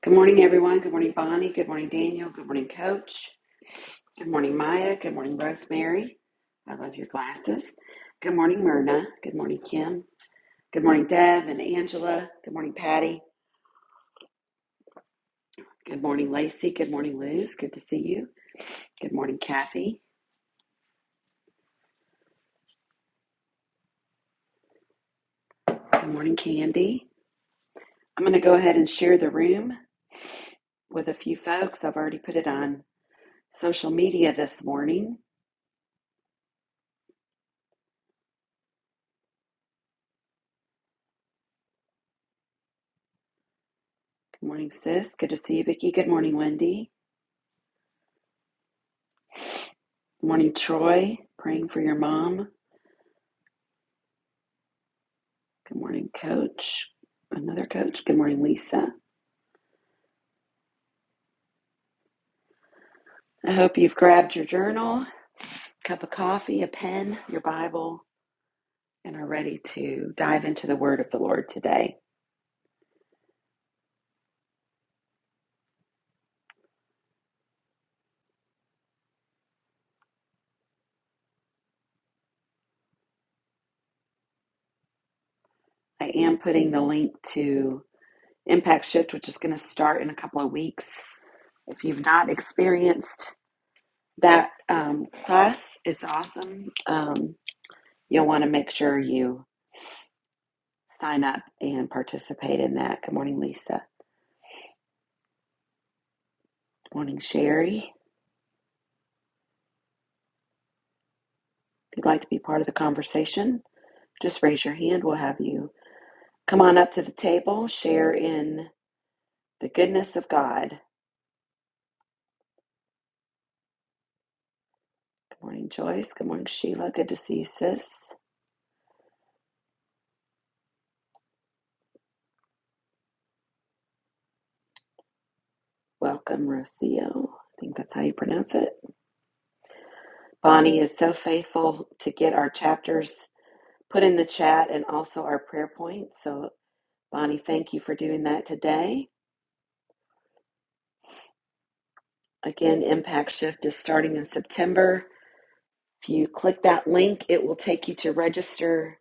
Good morning, everyone. Good morning, Bonnie. Good morning, Daniel. Good morning, Coach. Good morning, Maya. Good morning, Rosemary. I love your glasses. Good morning, Myrna. Good morning, Kim. Good morning, Deb and Angela. Good morning, Patty. Good morning, Lacey. Good morning, Luz. Good to see you. Good morning, Kathy. Good morning, Candy. I'm going to go ahead and share the room with a few folks. I've already put it on social media this morning. Good morning, sis. Good to see you, Vicki. Good morning, Wendy. Good morning, Troy. Praying for your mom. Good morning, Coach. Another Coach. Good morning, Lisa. I hope you've grabbed your journal, cup of coffee, a pen, your Bible, and are ready to dive into the Word of the Lord today. I am putting the link to Impact Shift, which is going to start in a couple of weeks. If you've not experienced that um, class, it's awesome. Um, You'll want to make sure you sign up and participate in that. Good morning, Lisa. Good morning, Sherry. If you'd like to be part of the conversation, just raise your hand. We'll have you come on up to the table, share in the goodness of God. Good morning, Joyce. Good morning, Sheila. Good to see you, sis. Welcome, Rocio. I think that's how you pronounce it. Bonnie is so faithful to get our chapters put in the chat and also our prayer points. So, Bonnie, thank you for doing that today. Again, Impact Shift is starting in September. If you click that link, it will take you to register.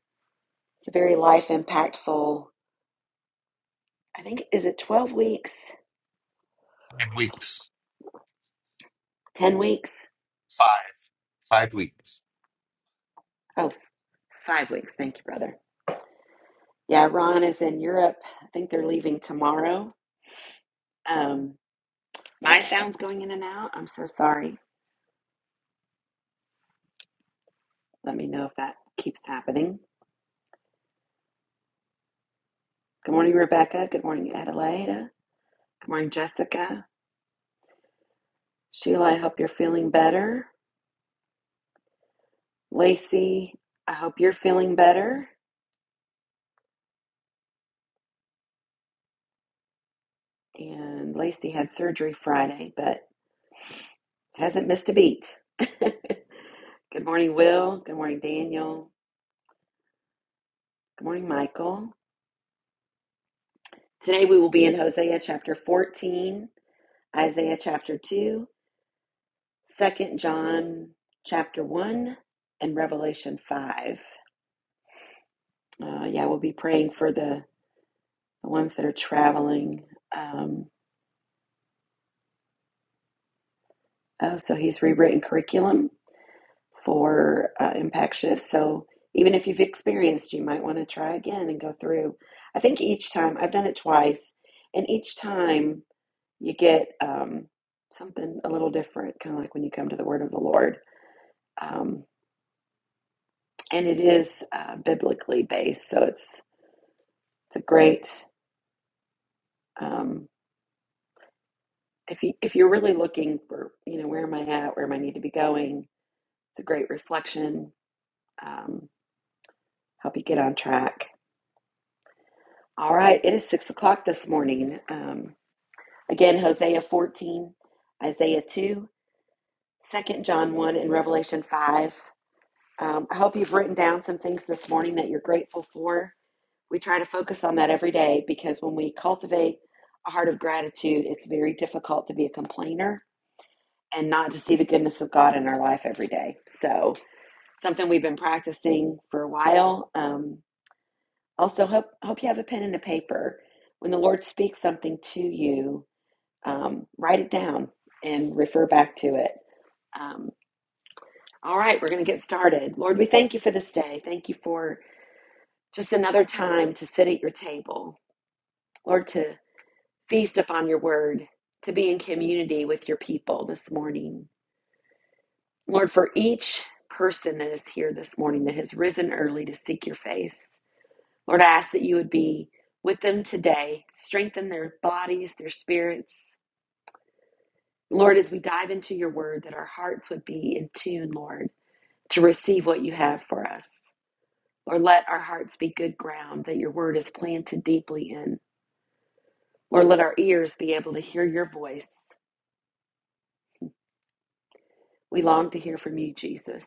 It's a very life impactful, I think, is it 12 weeks? Five weeks. 10 weeks? Five. Five weeks. Oh, five weeks. Thank you, brother. Yeah, Ron is in Europe. I think they're leaving tomorrow. Um, my sound's going in and out. I'm so sorry. Let me know if that keeps happening. Good morning, Rebecca. Good morning, Adelaida. Good morning, Jessica. Sheila, I hope you're feeling better. Lacey, I hope you're feeling better. And Lacey had surgery Friday, but hasn't missed a beat. Good morning, Will. Good morning, Daniel. Good morning, Michael. Today we will be in Hosea chapter 14, Isaiah chapter 2, Second John chapter 1, and Revelation 5. Uh, yeah, we'll be praying for the, the ones that are traveling. Um, oh, so he's rewritten curriculum for uh, impact shifts. So even if you've experienced, you might want to try again and go through. I think each time I've done it twice, and each time you get um, something a little different, kind of like when you come to the Word of the Lord, um, and it is uh, biblically based. So it's it's a great um, if you if you're really looking for you know where am I at, where am I need to be going. It's a great reflection. Um, help you get on track All right, it is six o'clock this morning. Um, again, Hosea 14, Isaiah 2, Second John 1, and Revelation 5. Um, I hope you've written down some things this morning that you're grateful for. We try to focus on that every day because when we cultivate a heart of gratitude, it's very difficult to be a complainer and not to see the goodness of God in our life every day. So, something we've been practicing for a while. Um, also, hope, hope you have a pen and a paper. When the Lord speaks something to you, um, write it down and refer back to it. Um, all right, we're going to get started. Lord, we thank you for this day. Thank you for just another time to sit at your table, Lord, to feast upon your word, to be in community with your people this morning. Lord, for each person that is here this morning that has risen early to seek your face, Lord, I ask that you would be with them today, strengthen their bodies, their spirits. Lord, as we dive into your word, that our hearts would be in tune, Lord to receive what you have for us. Lord, let our hearts be good ground that your word is planted deeply in. Lord, let our ears be able to hear your voice. We long to hear from you, Jesus.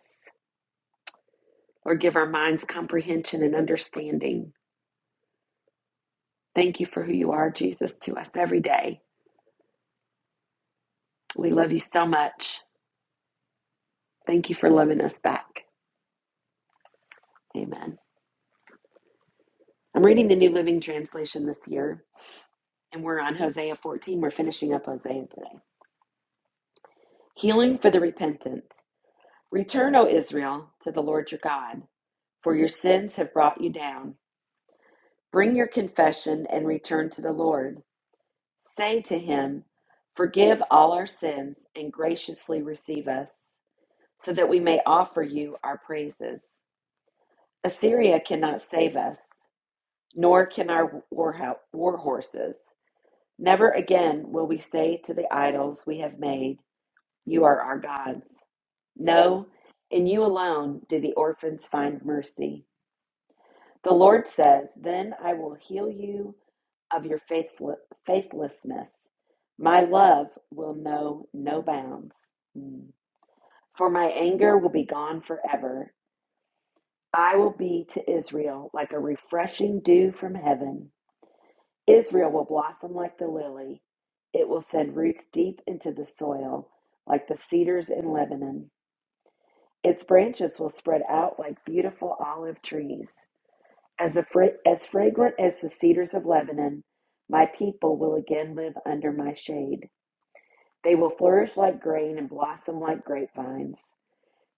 Lord, give our minds comprehension and understanding. Thank you for who you are, Jesus, to us every day. We love you so much. Thank you for loving us back. Amen. I'm reading the New Living Translation this year, and we're on Hosea 14. We're finishing up Hosea today. Healing for the repentant. Return, O Israel, to the Lord your God, for your sins have brought you down. Bring your confession and return to the Lord. Say to him, Forgive all our sins and graciously receive us, so that we may offer you our praises. Assyria cannot save us, nor can our war, horses. Never again will we say to the idols we have made, You are our gods. No, in you alone do the orphans find mercy. The Lord says, Then I will heal you of your faithful- faithlessness. My love will know no bounds. Mm. For my anger will be gone forever. I will be to Israel like a refreshing dew from heaven. Israel will blossom like the lily. It will send roots deep into the soil, like the cedars in Lebanon. Its branches will spread out like beautiful olive trees. As, a fra- as fragrant as the cedars of Lebanon, my people will again live under my shade. They will flourish like grain and blossom like grapevines.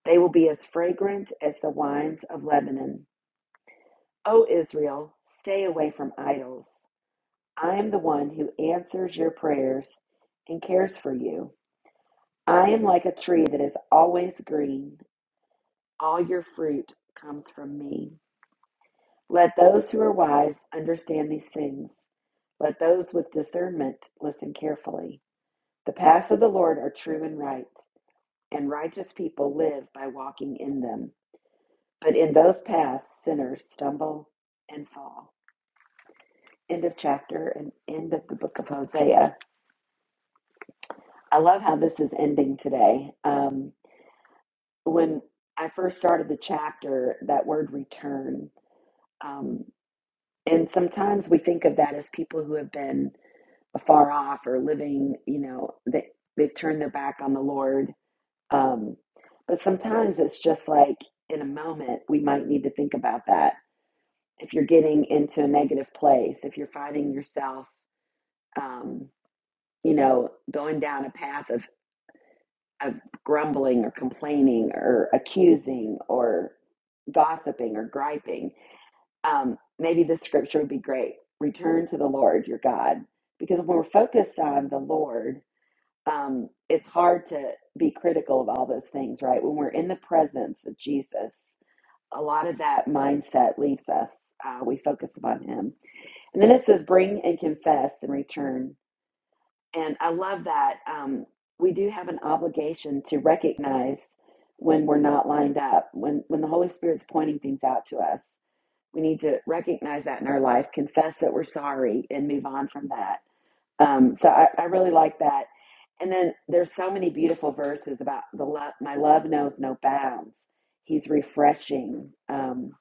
They will be as fragrant as the wines of Lebanon. O Israel, stay away from idols. I am the one who answers your prayers and cares for you. I am like a tree that is always green. All your fruit comes from me. Let those who are wise understand these things. Let those with discernment listen carefully. The paths of the Lord are true and right, and righteous people live by walking in them. But in those paths, sinners stumble and fall. End of chapter and end of the book of Hosea. I love how this is ending today. Um, when I first started the chapter, that word return, um, and sometimes we think of that as people who have been afar off or living, you know, they, they've turned their back on the Lord. Um, but sometimes it's just like in a moment, we might need to think about that. If you're getting into a negative place, if you're finding yourself, um, you know, going down a path of, of grumbling or complaining or accusing or gossiping or griping, um, maybe this scripture would be great. Return to the Lord your God. Because when we're focused on the Lord, um, it's hard to be critical of all those things, right? When we're in the presence of Jesus, a lot of that mindset leaves us. Uh, we focus upon Him. And then it says, bring and confess and return. And I love that. Um, we do have an obligation to recognize when we're not lined up, when, when the Holy Spirit's pointing things out to us. We need to recognize that in our life, confess that we're sorry, and move on from that. Um, so I, I really like that and then there's so many beautiful verses about the love. My love knows no bounds. He's refreshing. Um,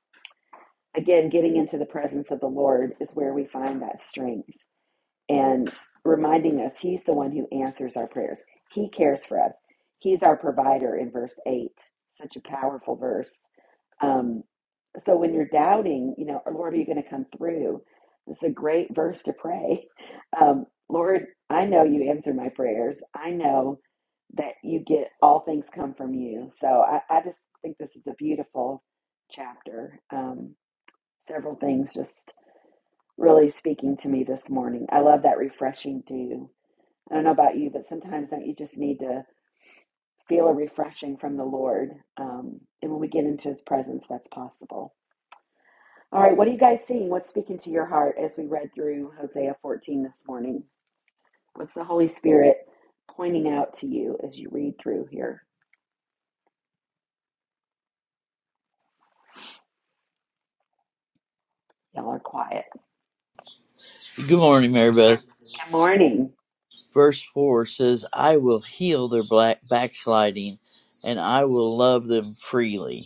again, getting into the presence of the Lord is where we find that strength and reminding us He's the one who answers our prayers. He cares for us. He's our provider in verse 8. Such a powerful verse. Um, so when you're doubting, you know, Lord, are you going to come through? This is a great verse to pray. Um, Lord, I know you answer my prayers. I know that you get all things come from you. So I, I just think this is a beautiful chapter. Um, several things just really speaking to me this morning. I love that refreshing dew. I don't know about you, but sometimes don't you just need to feel a refreshing from the Lord? Um, and when we get into his presence, that's possible. All right, what are you guys seeing? What's speaking to your heart as we read through Hosea 14 this morning? What's the Holy Spirit pointing out to you as you read through here? Y'all are quiet. Good morning, Mary That's not- Beth. Good morning. Verse 4 says, I will heal their black backsliding and I will love them freely.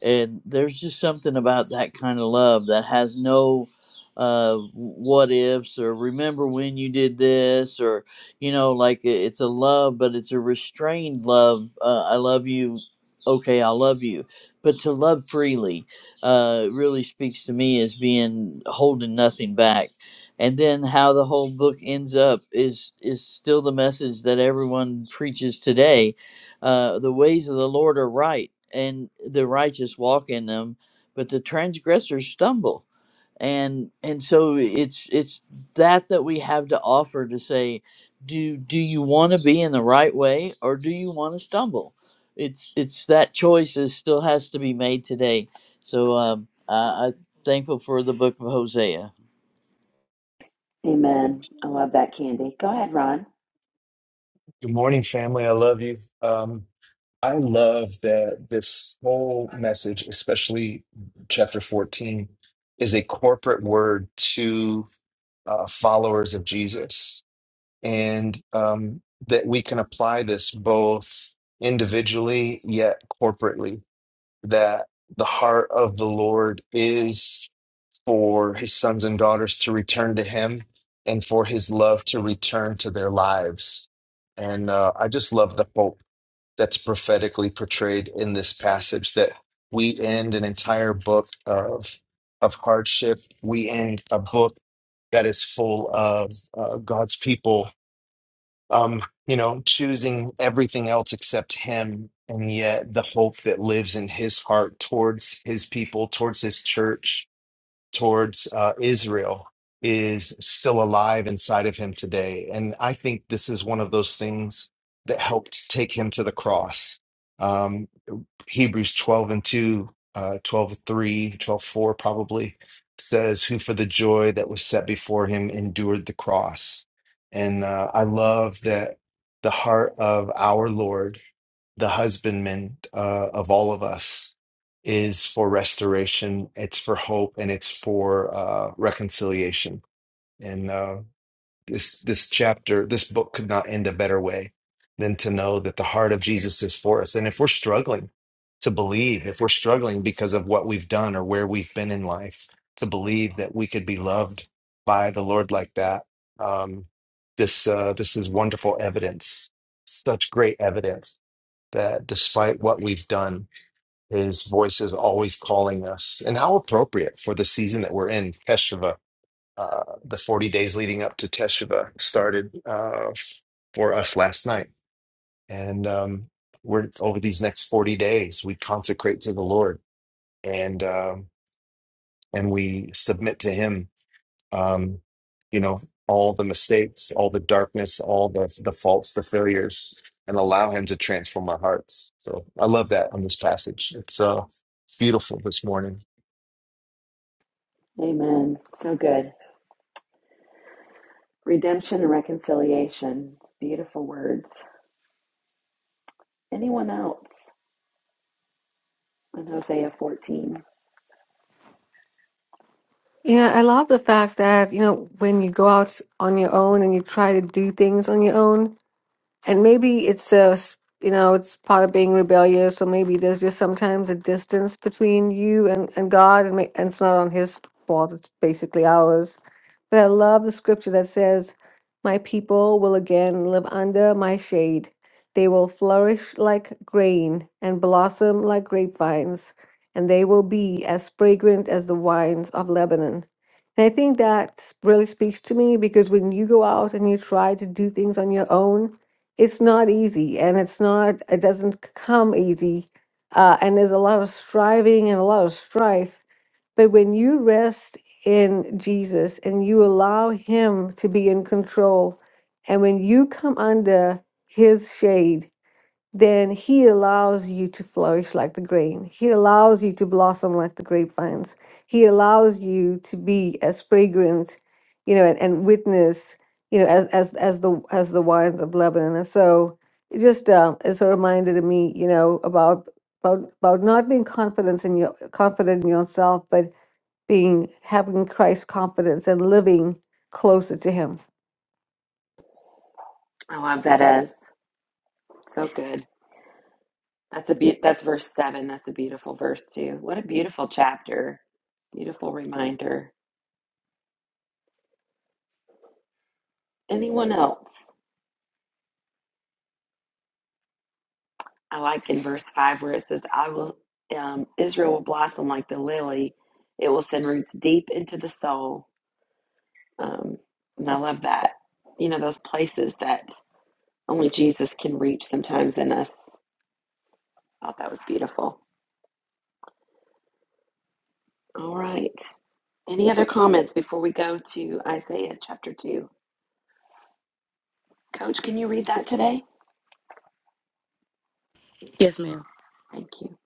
And there's just something about that kind of love that has no uh, what ifs or remember when you did this or, you know, like it- it's a love, but it's a restrained love. Uh, I love you. Okay, I love you. But to love freely uh, really speaks to me as being holding nothing back and then how the whole book ends up is is still the message that everyone preaches today uh, the ways of the lord are right and the righteous walk in them but the transgressors stumble and and so it's it's that that we have to offer to say do do you want to be in the right way or do you want to stumble it's it's that choice is still has to be made today so um, I, i'm thankful for the book of hosea Amen. I love that, Candy. Go ahead, Ron. Good morning, family. I love you. Um, I love that this whole message, especially chapter 14, is a corporate word to uh, followers of Jesus. And um, that we can apply this both individually yet corporately, that the heart of the Lord is. for his sons and daughters to return to him and for his love to return to their lives. And uh, I just love the hope that's prophetically portrayed in this passage that we end an entire book of, of hardship. We end a book that is full of uh, God's people, um, you know, choosing everything else except him. And yet the hope that lives in his heart towards his people, towards his church, towards uh, Israel is still alive inside of him today. And I think this is one of those things that helped take him to the cross. Um, Hebrews 12 and 2, uh, 12 three, twelve four probably says, Who for the joy that was set before him endured the cross. And uh, I love that the heart of our Lord the husbandman uh, of all of us is for restoration it's for hope and it's for uh, reconciliation and uh, this this chapter this book could not end a better way than to know that the heart of jesus is for us and if we're struggling to believe if we're struggling because of what we've done or where we've been in life to believe that we could be loved by the lord like that um, this uh, this is wonderful evidence such great evidence that despite what we've done, his voice is always calling us. And how appropriate for the season that we're in, Teshuvah. Uh, the 40 days leading up to Teshuvah started uh, for us last night. And um, we're over these next 40 days, we consecrate to the Lord and, um, and we submit to him um, you know, all the mistakes, all the darkness, all the the faults, the failures, and allow Him to transform our hearts. So I love that on this passage. It's uh, it's beautiful this morning. Amen. So good. Redemption and reconciliation. Beautiful words. Anyone else on Hosea 14? Yeah, I love the fact that, you know, when you go out on your own and you try to do things on your own, and maybe it's a, s- you know, it's part of being rebellious, or maybe there's just sometimes a distance between you and, and God, and, ma- and it's not on His fault, it's basically ours. But I love the scripture that says, My people will again live under my shade. They will flourish like grain and blossom like grapevines, and they will be as fragrant as the wines of Lebanon. And I think that s- really speaks to me because when you go out and you try to do things on your own, it's not easy and it's not, it doesn't c- come easy. Uh, and there's a lot of striving and a lot of strife but when you rest in Jesus and you allow Him to be in control, and when you come under His shade, then He allows you to flourish like the grain. He allows you to blossom like the grapevines. He allows you to be as fragrant, you know, and, and witness, you know, as as as the as the wines of Lebanon. And so, it just uh, it's a reminder to me, you know, about about about not being confident in your confident in yourself, but being having Christ confidence and living closer to Him. I love that as. So good. That's a be- that's verse 7. That's a beautiful verse too. What a beautiful chapter. Beautiful reminder Anyone else? I like in verse 5 where it says, I will, um, Israel will blossom like the lily. It will send roots deep into the soul. Um, and I love that. You know, those places that only Jesus can reach sometimes in us. I thought that was beautiful. All right. Any other comments before we go to Isaiah chapter 2? Coach, can you read that today? Yes, ma'am. Thank you.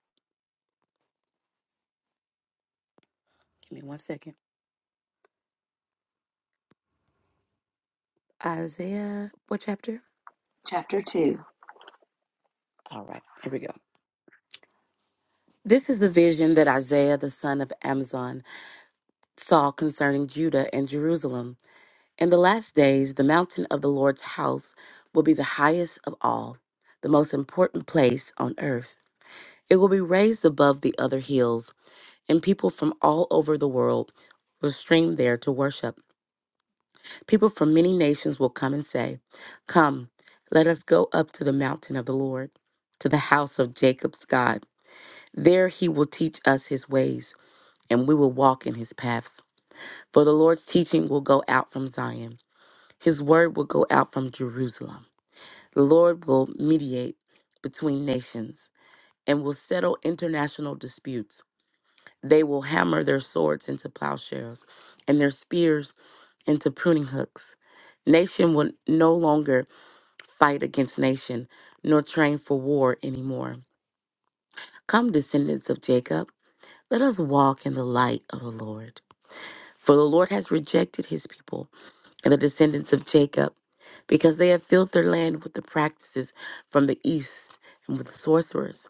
Give me one second. Isaiah, what chapter? Chapter 2. All right, here we go. This is the vision that Isaiah the son of Amazon saw concerning Judah and Jerusalem. In the last days, the mountain of the Lord's house will be the highest of all, the most important place on earth. It will be raised above the other hills, and people from all over the world will stream there to worship. People from many nations will come and say, Come, let us go up to the mountain of the Lord, to the house of Jacob's God. There he will teach us his ways, and we will walk in his paths. For the Lord's teaching will go out from Zion, his word will go out from Jerusalem. The Lord will mediate between nations and will settle international disputes. They will hammer their swords into plowshares and their spears into pruning hooks. Nation will no longer fight against nation, nor train for war anymore. Come, descendants of Jacob, let us walk in the light of the Lord. For the Lord has rejected his people and the descendants of Jacob, because they have filled their land with the practices from the east and with sorcerers,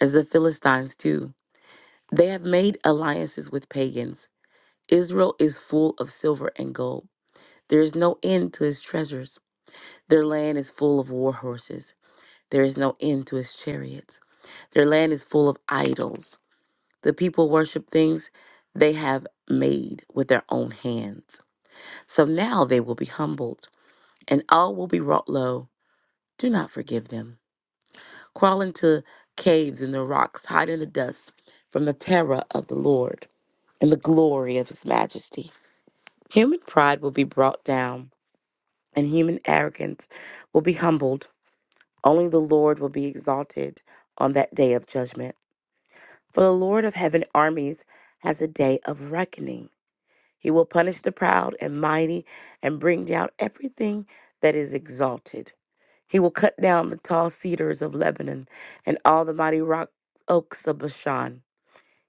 as the Philistines do. They have made alliances with pagans. Israel is full of silver and gold. There is no end to his treasures. Their land is full of war horses. There is no end to his chariots. Their land is full of idols. The people worship things they have made with their own hands. So now they will be humbled, and all will be brought low. Do not forgive them. Crawl into caves in the rocks, hide in the dust from the terror of the Lord and the glory of his majesty. Human pride will be brought down, and human arrogance will be humbled. Only the Lord will be exalted on that day of judgment. For the Lord of heaven armies has a day of reckoning. He will punish the proud and mighty and bring down everything that is exalted. He will cut down the tall cedars of Lebanon and all the mighty rock oaks of Bashan.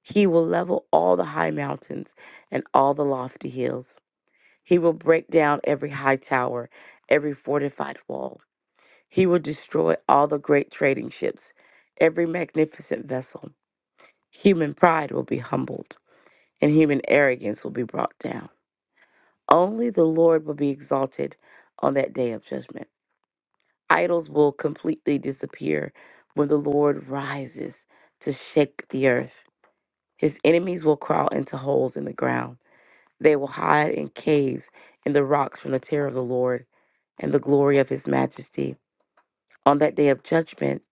He will level all the high mountains and all the lofty hills. He will break down every high tower, every fortified wall. He will destroy all the great trading ships, every magnificent vessel. Human pride will be humbled and human arrogance will be brought down. Only the Lord will be exalted on that day of judgment. Idols will completely disappear when the Lord rises to shake the earth. His enemies will crawl into holes in the ground. They will hide in caves in the rocks from the terror of the Lord and the glory of his majesty. On that day of judgment,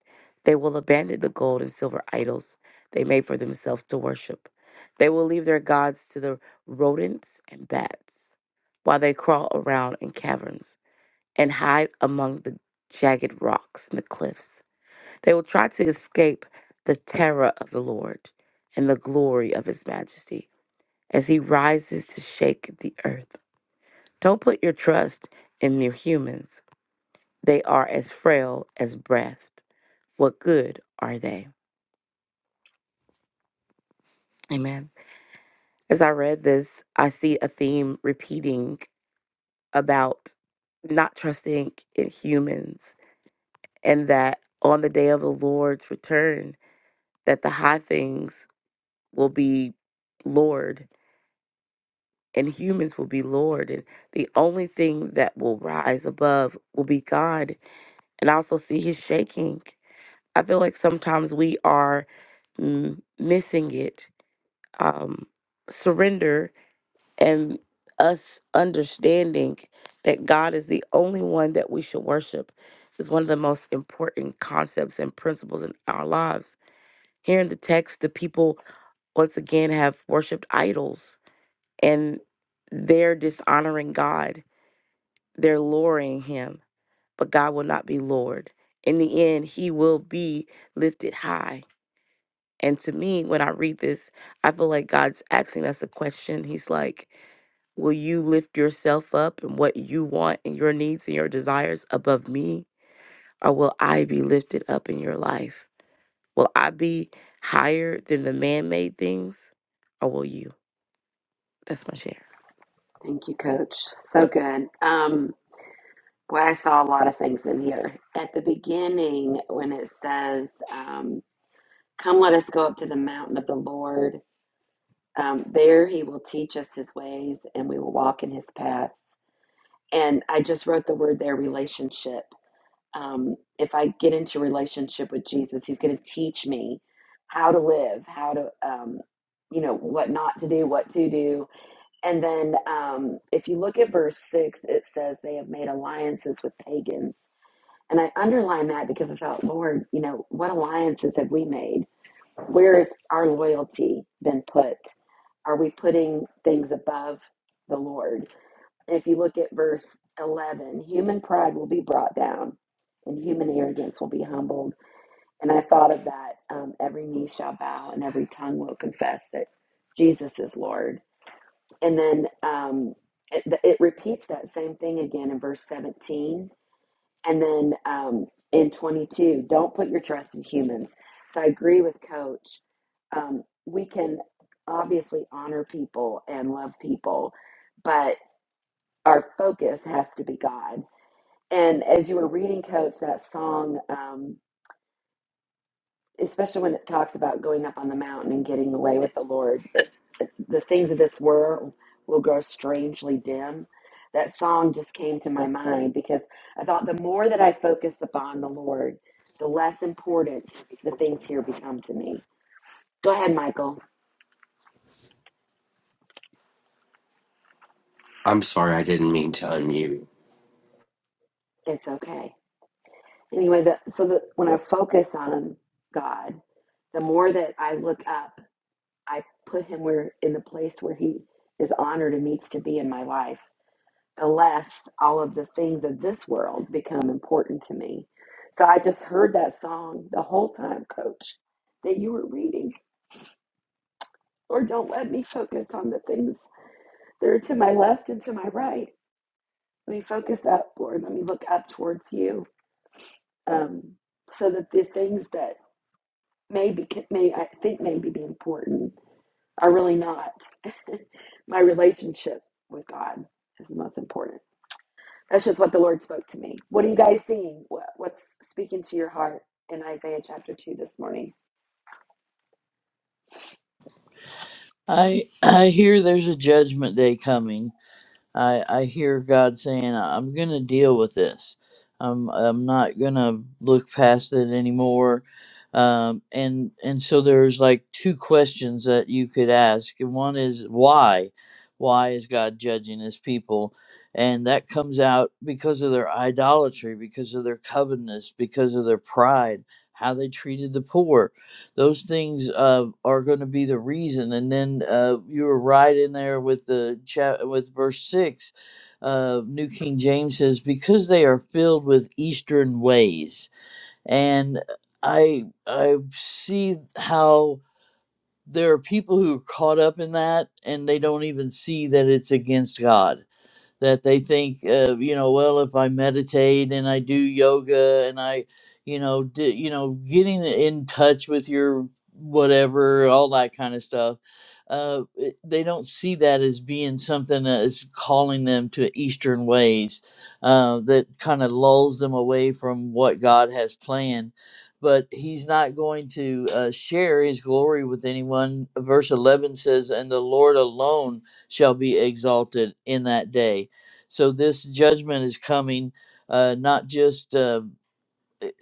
they will abandon the gold and silver idols they made for themselves to worship. They will leave their gods to the rodents and bats, while they crawl around in caverns and hide among the jagged rocks and the cliffs. They will try to escape the terror of the Lord and the glory of his majesty as he rises to shake the earth. Don't put your trust in mere humans, they are as frail as breath what good are they? Amen. As I read this, I see a theme repeating about not trusting in humans and that on the day of the Lord's return that the high things will be lord and humans will be lord and the only thing that will rise above will be God. And I also see his shaking. I feel like sometimes we are mm, missing it. Um surrender and us understanding that God is the only one that we should worship is one of the most important concepts and principles in our lives. Here in the text, the people once again have worshiped idols and they're dishonoring God, they're lowering Him, but God will not be lowered. In the end, He will be lifted high. And to me, when I read this, I feel like God's asking us a question. He's like, Will you lift yourself up and what you want and your needs and your desires above me? Or will I be lifted up in your life? Will I be higher than the man made things? Or will you? That's my share. Thank you, Coach. So good. Um. Well, I saw a lot of things in here. At the beginning, when it says, um, Come, let us go up to the mountain of the Lord. Um, there he will teach us his ways and we will walk in his paths. And I just wrote the word there relationship. Um, if I get into relationship with Jesus, he's going to teach me how to live, how to, um, you know, what not to do, what to do. And then um, if you look at verse six, it says, They have made alliances with pagans and I underline that because I thought, Lord, you know, what alliances have we made? Where has our loyalty been put? Are we putting things above the Lord? And if you look at verse 11, human pride will be brought down and human arrogance will be humbled. And I thought of that um, every knee shall bow and every tongue will confess that Jesus is Lord. And then um, it, it repeats that same thing again in verse 17 and then um, in 22, don't put your trust in humans. So I agree with Coach. Um, we can obviously honor people and love people, but our focus has to be God. And as you were reading, Coach, that song. Um, especially when it talks about going up on the mountain and getting away with the Lord. It's, the things of this world will grow strangely dim. That song just came to my mind because I thought the more that I focus upon the Lord, the less important the things here become to me. Go ahead, Michael. I'm sorry, I didn't mean to unmute. It's okay. Anyway, the, so that when I focus on God, the more that I look up, I put Him where in the place where He is honored and needs to be in my life the all of the things of this world become important to me. So I just heard that song the whole time, coach, that you were reading. Or don't let me focus on the things that are to my left and to my right. Let me focus up, Lord. Let me look up towards you. Um, so that the things that maybe may I think maybe be important are really not. my relationship with God is the most important. That's just what the Lord spoke to me. What are you guys seeing? What- What's speaking to your heart in Isaiah chapter 2 this morning? I I hear there's a judgment day coming. I I hear God saying I'm going to deal with this. I'm I'm not going to look past it anymore. Um and and so there's like two questions that you could ask. And one is why? Why is God judging his people? And that comes out because of their idolatry, because of their covetousness, because of their pride, how they treated the poor those things uh, are going to be the reason. And then uh, you were right in there with the chat with verse six. Uh, New King James says, "Because they are filled with Eastern ways," and I I see how there are people who are caught up in that, and they don't even see that it's against God that they think, uh, you know, well, if I meditate and I do yoga and I, you know, di- you know, getting in touch with your whatever, all that kind of stuff. Uh, it- they don't see that as being something that is calling them to Eastern ways, uh, that kind of lulls them away from what God has planned. But he's not going to uh, share his glory with anyone. Verse 11 says, And the Lord alone shall be exalted in that day. So this judgment is coming uh, not just. Uh,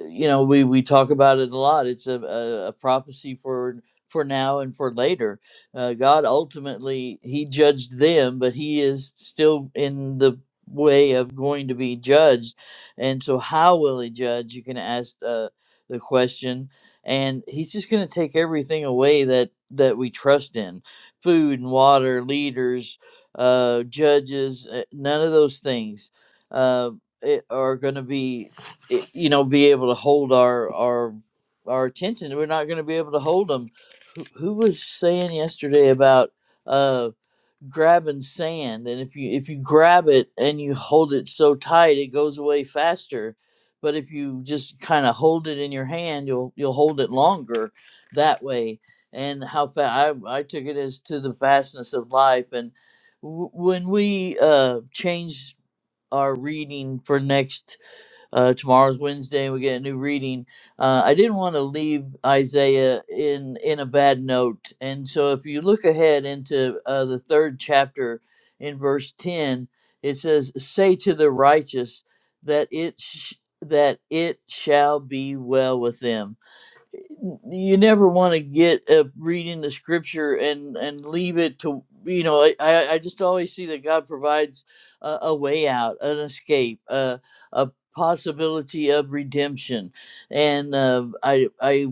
you know we we talk about it a lot it's a, a, a prophecy for for now and for later uh, god ultimately he judged them but he is still in the way of going to be judged and so how will he judge you can ask uh, the question and he's just going to take everything away that that we trust in food and water leaders uh judges uh, none of those things uh it, are going to be i- you know be able to hold our our our attention we're not going to be able to hold them who, who was saying yesterday about uh grabbing sand and if you if you grab it and you hold it so tight it goes away faster but if you just kind of hold it in your hand you'll you'll hold it longer that way and how fast I, I took it as to the fastness of life and w- when we uh change our reading for next uh, tomorrow's Wednesday, we get a new reading. Uh, I didn't want to leave Isaiah in in a bad note, and so if you look ahead into uh, the third chapter in verse ten, it says, "Say to the righteous that it sh- that it shall be well with them." you never want to get uh, reading the scripture and and leave it to you know i i I just always see that god provides a, a way out an escape a, a possibility of redemption and uh, i i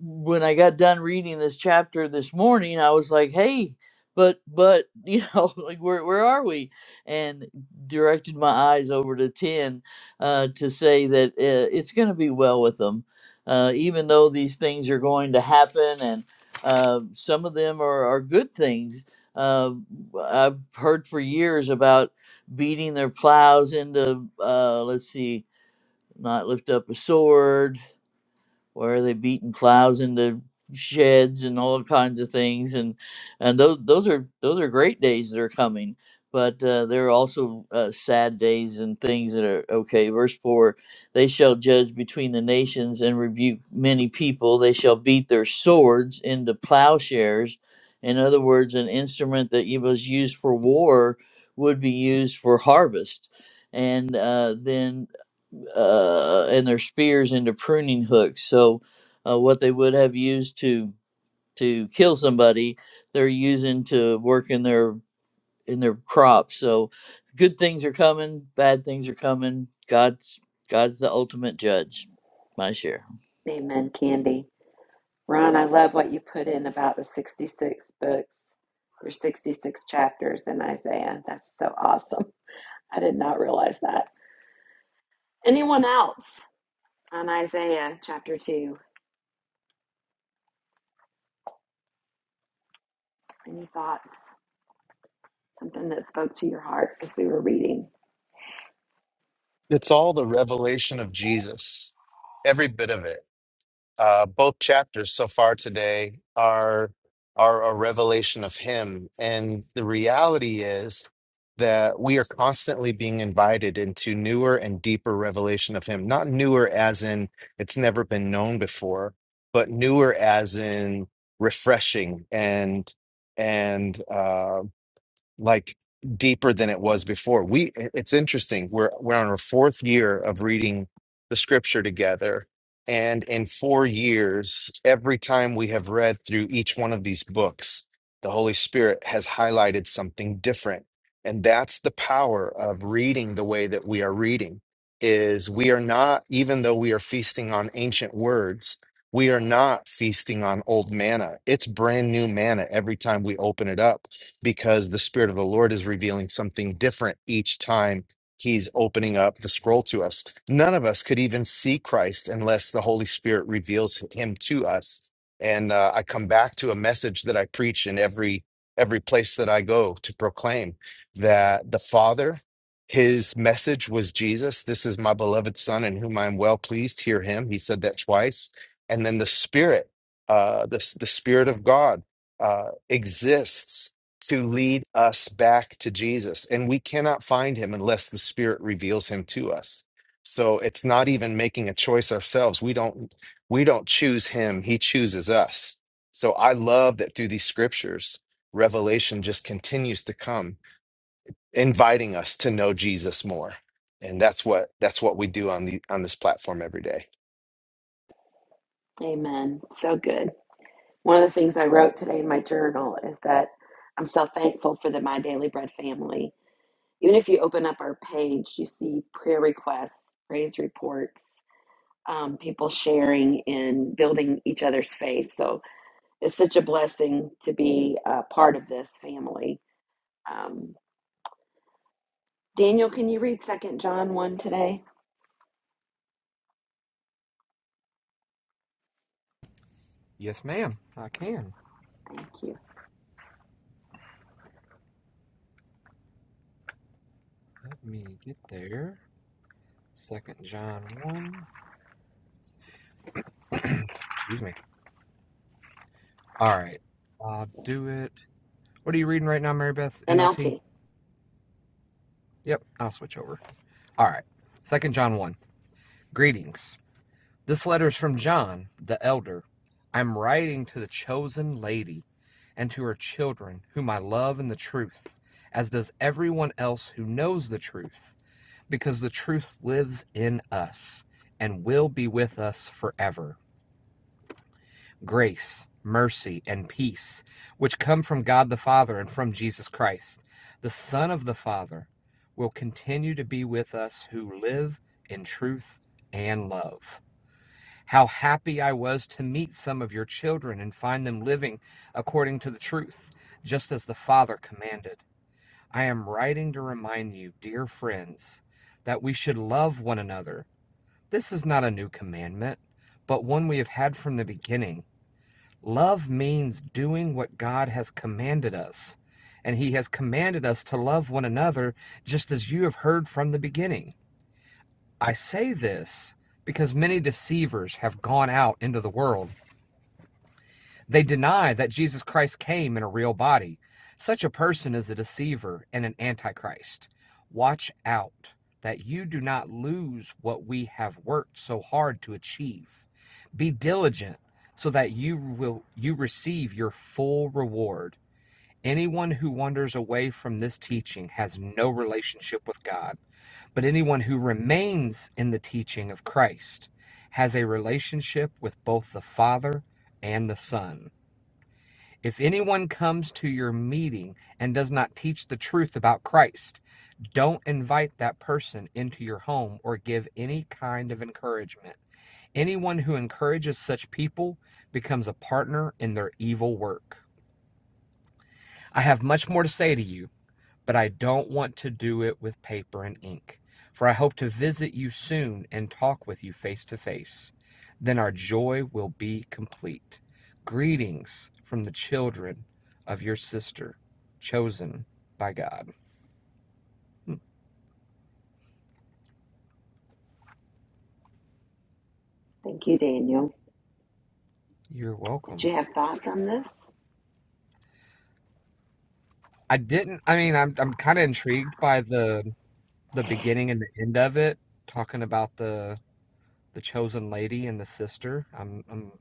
when i got done reading this chapter this morning i was like hey but but you know like where, where are we and directed my eyes over to 10 uh, to say that uh, it's going to be well with them uh, even though these things are going to happen and uh, some of them are, are good things. Uh, I've heard for years about beating their plows into, uh, let's see, not lift up a sword, where they're beating plows into sheds and all kinds of things and and those those are those are great days that are coming but uh, there are also uh, sad days and things that are okay verse 4 they shall judge between the nations and rebuke many people they shall beat their swords into plowshares in other words an instrument that it was used for war would be used for harvest and uh, then uh, and their spears into pruning hooks. So, uh, what they would have used to to kill somebody, they're using to work in their in their crops. So, good things are coming, bad things are coming. God's God's the ultimate judge. My share. Amen, Candy. Ron, I love what you put in about the 66 books. or 66 chapters in Isaiah. That's so awesome. I did not realize that. Anyone else on Isaiah chapter 2? Any thoughts? Something that spoke to your heart as we were reading? It's all the revelation of Jesus, every bit of it. Uh, both chapters so far today are are a revelation of Him, and the reality is that we are constantly being invited into newer and deeper revelation of Him. Not newer as in it's never been known before, but newer as in refreshing and and uh, like deeper than it was before. We it's interesting. We're we're on our fourth year of reading the scripture together. And in four years, every time we have read through each one of these books, the Holy Spirit has highlighted something different. And that's the power of reading the way that we are reading is we are not, even though we are feasting on ancient words, we are not feasting on old manna. It's brand new manna every time we open it up because the Spirit of the Lord is revealing something different each time He's opening up the scroll to us. None of us could even see Christ unless the Holy Spirit reveals Him to us. And uh, I come back to a message that I preach in every every place that I go to proclaim that the Father, His message was Jesus. This is my beloved Son, in whom I am well pleased. Hear Him. He said that twice. And then the Spirit, uh, the the Spirit of God uh, exists to lead us back to Jesus. And we cannot find him unless the Spirit reveals him to us. So it's not even making a choice ourselves. We don't we don't choose him, he chooses us. So I love that through these scriptures, revelation just continues to come, inviting us to know Jesus more. And that's what that's what we do on the on this platform every day. Amen. So good. One of the things I wrote today in my journal is that I'm so thankful for the My Daily Bread family. Even if you open up our page, you see prayer requests, praise reports, um, people sharing and building each other's faith. So it's such a blessing to be a part of this family. Um, Daniel, can you read Second John 1 today? Yes, ma'am, I can. Thank you. Let me get there. Second John 1. Excuse me. All right. I'll do it. What are you reading right now, Mary Beth? NLT? NLT. Yep, I'll switch over. All right. Second John 1. Greetings. This letter is from John, the elder. I'm writing to the chosen lady and to her children, whom I love in the truth, as does everyone else who knows the truth, because the truth lives in us and will be with us forever. grace, mercy, and peace, which come from God the Father and from Jesus Christ, the Son of the Father, will continue to be with us who live in truth and love. How happy I was to meet some of your children and find them living according to the truth, just as the Father commanded. I am writing to remind you, dear friends, that we should love one another. This is not a new commandment, but one we have had from the beginning. Love means doing what God has commanded us. And He has commanded us to love one another just as you have heard from the beginning. I say this because many deceivers have gone out into the world they deny that Jesus Christ came in a real body. Such a person is a deceiver and an antichrist. Watch out that you do not lose what we have worked so hard to achieve. Be diligent so that you will you receive your full reward. Anyone who wanders away from this teaching has no relationship with God, but anyone who remains in the teaching of Christ has a relationship with both the Father and the Son. If anyone comes to your meeting and does not teach the truth about Christ, don't invite that person into your home or give any kind of encouragement. Anyone who encourages such people becomes a partner in their evil work. I have much more to say to you but I don't want to do it with paper and ink. For I hope to visit you soon and talk with you face to face. Then our joy will be complete. Greetings from the children of your sister, chosen by God. Hmm, Thank you, Daniel. You're Did welcome. you have thoughts on this? I didn't. I mean, I'm I'm kind of intrigued by the the beginning and the end of it, talking about the the chosen lady and the sister. I'm I'm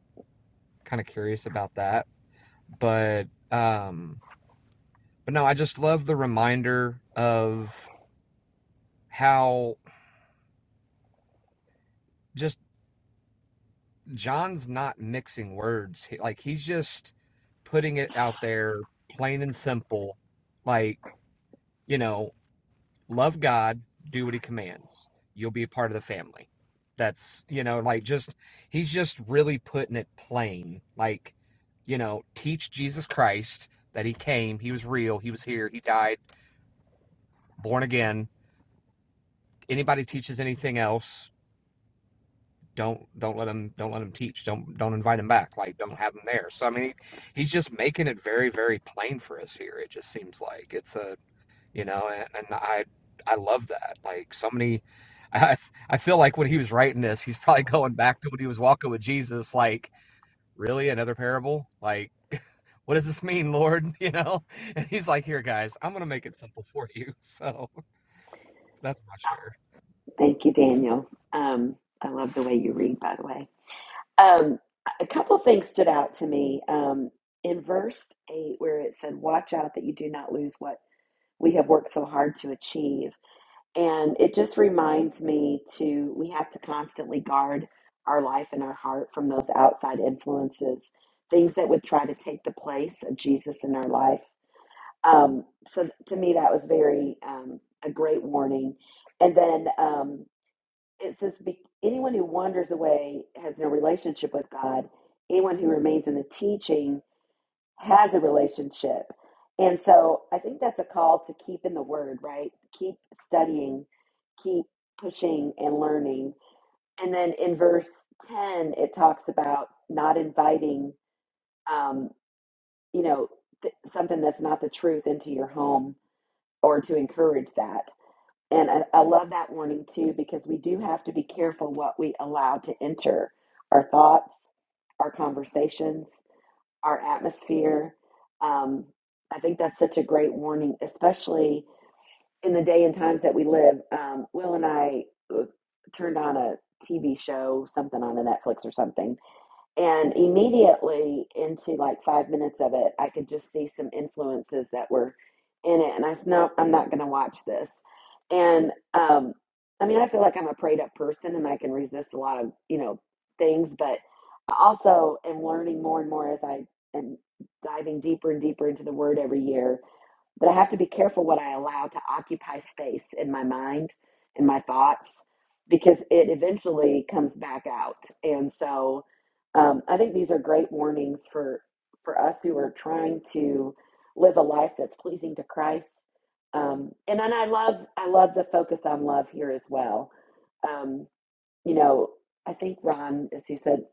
kind of curious about that, but um But no, I just love the reminder of how just John's not mixing words. He, like he's just putting it out there plain and simple. Like, you know, love God, do what he commands. You'll be a part of the family. That's, you know, like just he's just really putting it plain. Like, you know, teach Jesus Christ that he came, he was real, he was here, he died, born again. Anybody teaches anything else, don't don't let him don't let him teach don't don't invite him back like don't have him there so i mean he, he's just making it very very plain for us here it just seems like it's a you know and, and i i love that like so many I, I feel like when he was writing this he's probably going back to when he was walking with jesus like really another parable like what does this mean lord you know and he's like here guys i'm gonna make it simple for you so that's my share Thank you, Daniel. Um, I love the way you read, by the way. Um, a couple things stood out to me. Um, in verse 8, where it said, Watch out that you do not lose what we have worked so hard to achieve. And it just reminds me to, we have to constantly guard our life and our heart from those outside influences, things that would try to take the place of Jesus in our life. Um, so to me, that was very, um, a great warning. And then um, it says, "Be- anyone who wanders away has no relationship with God. Anyone who remains in the teaching has a relationship. And so I think that's a call to keep in the word, right? Keep studying, keep pushing and learning. And then in verse 10, it talks about not inviting, um, you know, th- something that's not the truth into your home or to encourage that. And I, I love that warning too, because we do have to be careful what we allow to enter our thoughts, our conversations, our atmosphere. Um, I think that's such a great warning, especially in the day and times that we live. Um, Will and I was, turned on a TV show, something on a Netflix or something, and immediately into like five minutes of it, I could just see some influences that were in it. And I said, no, I'm not going to watch this. And um, I mean, I feel like I'm a prayed up person and I can resist a lot of, you know, things, but I also am learning more and more as I am diving deeper and deeper into the word every year but I have to be careful what I allow to occupy space in my mind and my thoughts because it eventually comes back out. And so um, I think these are great warnings for for us who are trying to live a life that's pleasing to Christ. Um, and then I love I love the focus on love here as well. Um, you know, I think Ron, as he said,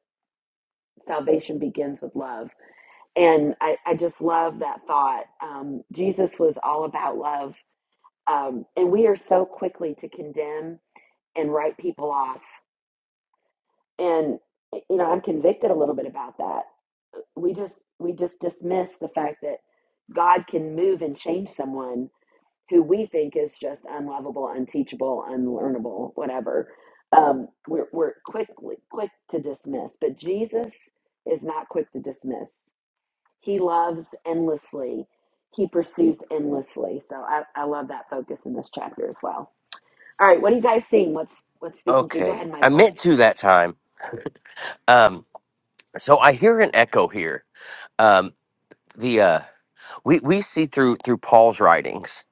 salvation begins with love. And I, I just love that thought. Um, Jesus was all about love um, and we are so quickly to condemn and write people off. And you know, I'm convicted a little bit about that. We just we just dismiss the fact that God can move and change someone who we think is just unlovable, unteachable, unlearnable, whatever. Um, we're we're quickly quick to dismiss, but Jesus is not quick to dismiss. He loves endlessly. He pursues endlessly. So I, I love that focus in this chapter as well. All right, what are you guys seeing? What's what's speaking to you? Go Okay, ahead, I Michael. meant to that time. Um, so I hear an echo here. Um, the uh, we we see through through Paul's writings,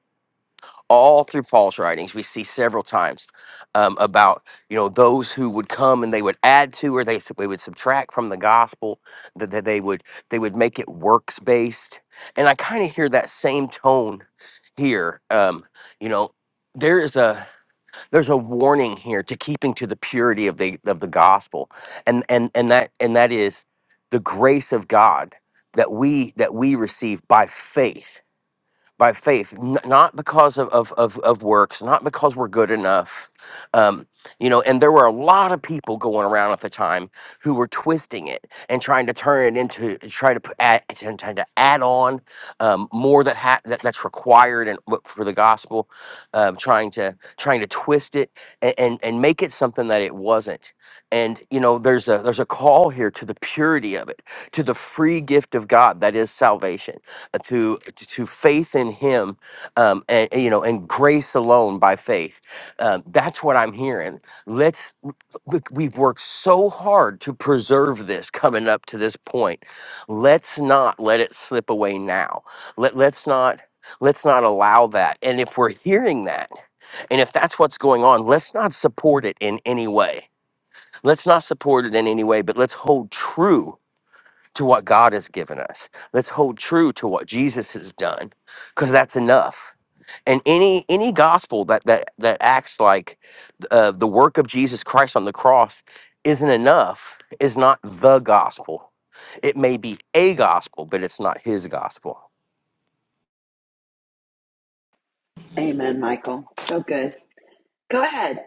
all through Paul's writings, we see several times um, about you know those who would come and they would add to or they s- they would subtract from the gospel that, that they would they would make it works based, and I kind of hear that same tone here. Um, you know, there is a there's a warning here to keeping to the purity of the of the gospel and and and that and that is the grace of god that we that we receive by faith by faith, n- not because of, of, of, of works, not because we're good enough. Um, you know, and there were a lot of people going around at the time who were twisting it and trying to turn it into, try to p- add, trying to add on um, more that, ha- that that's required and what- for the gospel, um, trying to trying to twist it and, and and make it something that it wasn't. And you know, there's a there's a call here to the purity of it, to the free gift of God that is salvation to to faith in him um and and, you know and grace alone by faith um, that's what i'm hearing let's look we've worked so hard to preserve this coming up to this point let's not let it slip away now Let, let's not let's not allow that and if we're hearing that and if that's what's going on let's not support it in any way let's not support it in any way but let's hold true to what God has given us. Let's hold true to what Jesus has done because that's enough. And any any gospel that that that acts like uh, the work of Jesus Christ on the cross isn't enough is not the gospel. It may be a gospel, but it's not his gospel. Amen, Michael. So good. Go ahead,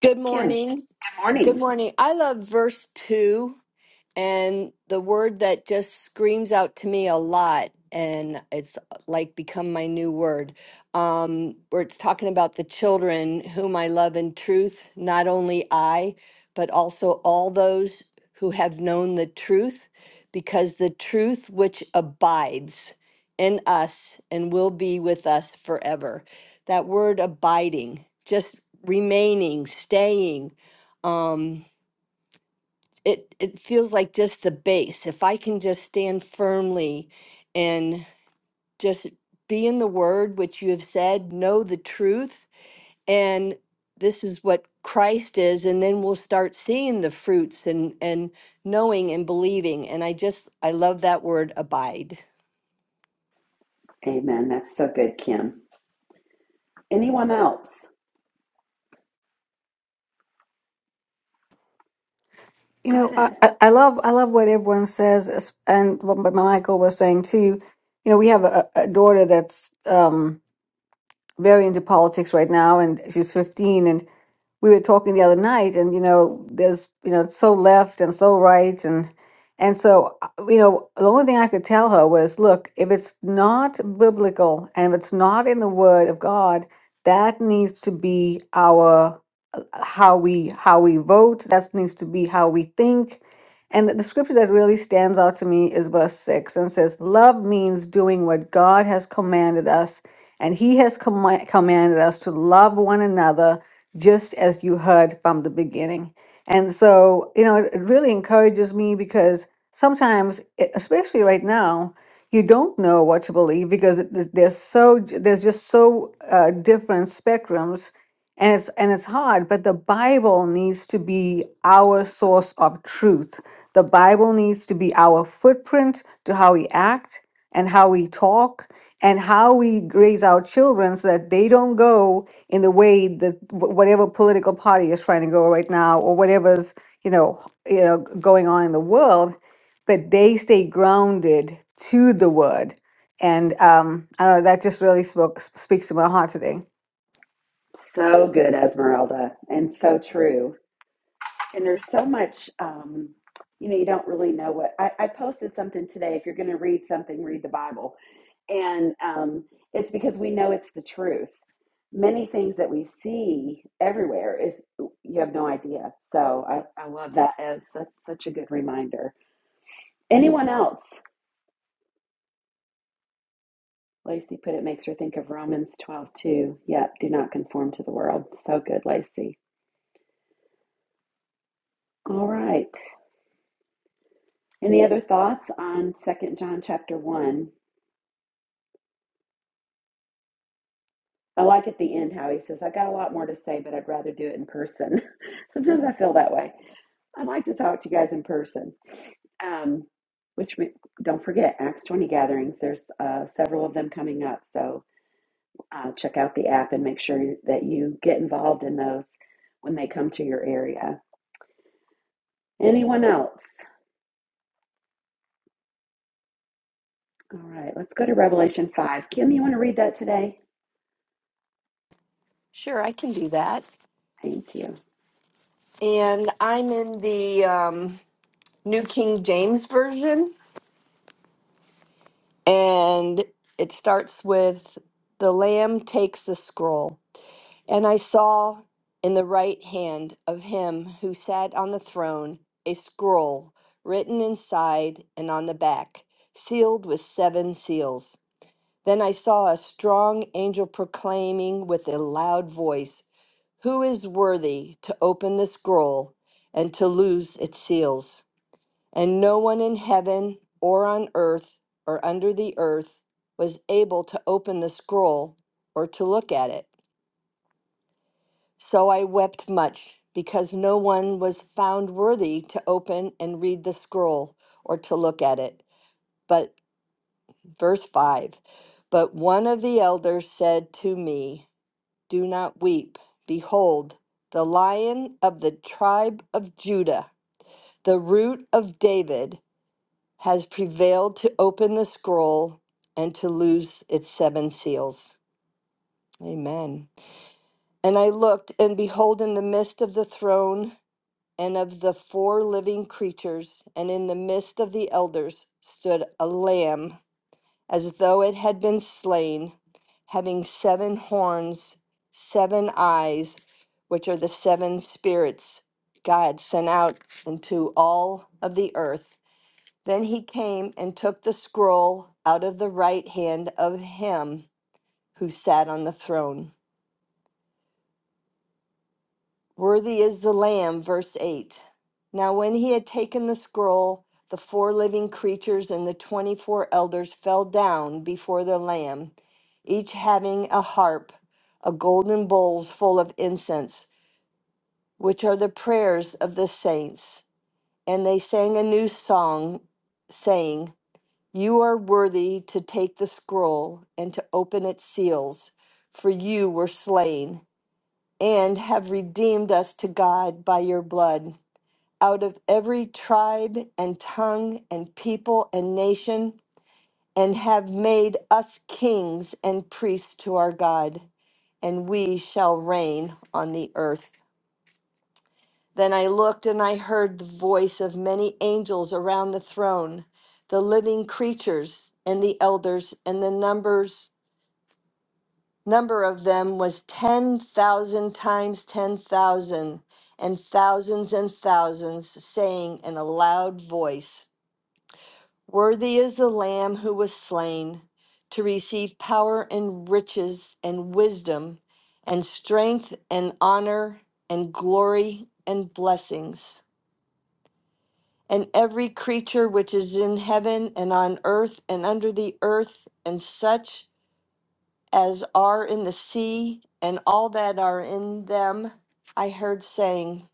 Good Kim. Good morning. Good morning. morning. I love verse 2. And the word that just screams out to me a lot, and it's uh, like become my new word, um, where it's talking about the children whom I love in truth, not only I, but also all those who have known the truth, because the truth which abides in us and will be with us forever. That word abiding, just remaining, staying. Um, it it feels like just the base if i can just stand firmly and just be in the word which you have said know the truth and this is what christ is and then we'll start seeing the fruits and and knowing and believing and i just i love that word abide Amen. That's so good, Kim. Anyone else? You Go know, ahead, I, Ez. I I love I love what everyone says, es- and what my Michael was saying too. You know, we have a, a daughter that's um, very into politics right now, and she's 15. And we were talking the other night, and you know, there's you know, it's so left and so right, and and so uh, you know, the only thing I could tell her was, look, if it's not biblical and if it's not in the Word of God, that needs to be how we how we vote. That needs to be how we think. And the scripture that really stands out to me is verse six and says, "Love means doing what God has commanded us, and He has comma- commanded us to love one another, just as you heard from the beginning." And so, you know, it, it really encourages me because sometimes, e- especially right now, you don't know what to believe because it- it- there's so there's just so uh, different spectrums and it's and it's hard but the bible needs to be our source of truth the bible needs to be our footprint to how we act and how we talk and how we raise our children so that they don't go in the way that wh- whatever political party is trying to go right now or whatever's you know h- you know g- going on in the world but they stay grounded to the word and um, I don't know that just really spoke, speaks to my heart today. So good, Esmeralda, and so true. And there's so much, um, you know, you don't really know what. I, I posted something today. If you're going to read something, read the Bible And um, it's because we know it's the truth. Many things that we see everywhere is you have no idea. So I, I love that as such, such a good reminder. Anyone else? Lacey put it makes her think of Romans twelve two. Yep, do not conform to the world. So good, Lacey. All right. Any other thoughts on Second John chapter 1? I like at the end how he says, I got a lot more to say, but I'd rather do it in person. Sometimes I feel that way. I'd like to talk to you guys in person. Um, which we, don't forget, Acts 20 gatherings. There's uh, several of them coming up. So uh, check out the app and make sure that you get involved in those when they come to your area. Anyone else? All right, let's go to Revelation 5. Kim, you want to read that today? sure i can do that Thank you. and i'm in the um, new king james version and it starts with the lamb takes the scroll And I saw in the right hand of him who sat on the throne a scroll written inside and on the back, sealed with seven seals. Then I saw a strong angel proclaiming with a loud voice, Who is worthy to open the scroll and to loose its seals? And no one in heaven or on earth or under the earth was able to open the scroll or to look at it. So I wept much, because no one was found worthy to open and read the scroll or to look at it. But verse 5 But one of the elders said to me, Do not weep. Behold, the lion of the tribe of Judah, the root of David, has prevailed to open the scroll and to loose its seven seals. Amen. And I looked, and behold, in the midst of the throne, and of the four living creatures, and in the midst of the elders stood a lamb as though it had been slain, having seven horns, seven eyes, which are the seven spirits God sent out into all of the earth. Then he came and took the scroll out of the right hand of him who sat on the throne. Worthy is the Lamb, verse 8. Now, when he had taken the scroll, the four living creatures and the 24 elders fell down before the Lamb, each having a harp, a golden bowls full of incense, which are the prayers of the saints. And they sang a new song, saying, You are worthy to take the scroll and to open its seals, for you were slain and have redeemed us to God by your blood out of every tribe and tongue and people and nation, and have made us kings and priests to our God, and we shall reign on the earth. Then I looked and I heard the voice of many angels around the throne, the living creatures and the elders, and the numbers number of them was 10,000 times 10,000, and thousands and thousands, saying in a loud voice Worthy is the Lamb who was slain to receive power and riches and wisdom and strength and honor and glory and blessings. And every creature which is in heaven and on earth and under the earth, and such as are in the sea and all that are in them, I heard saying,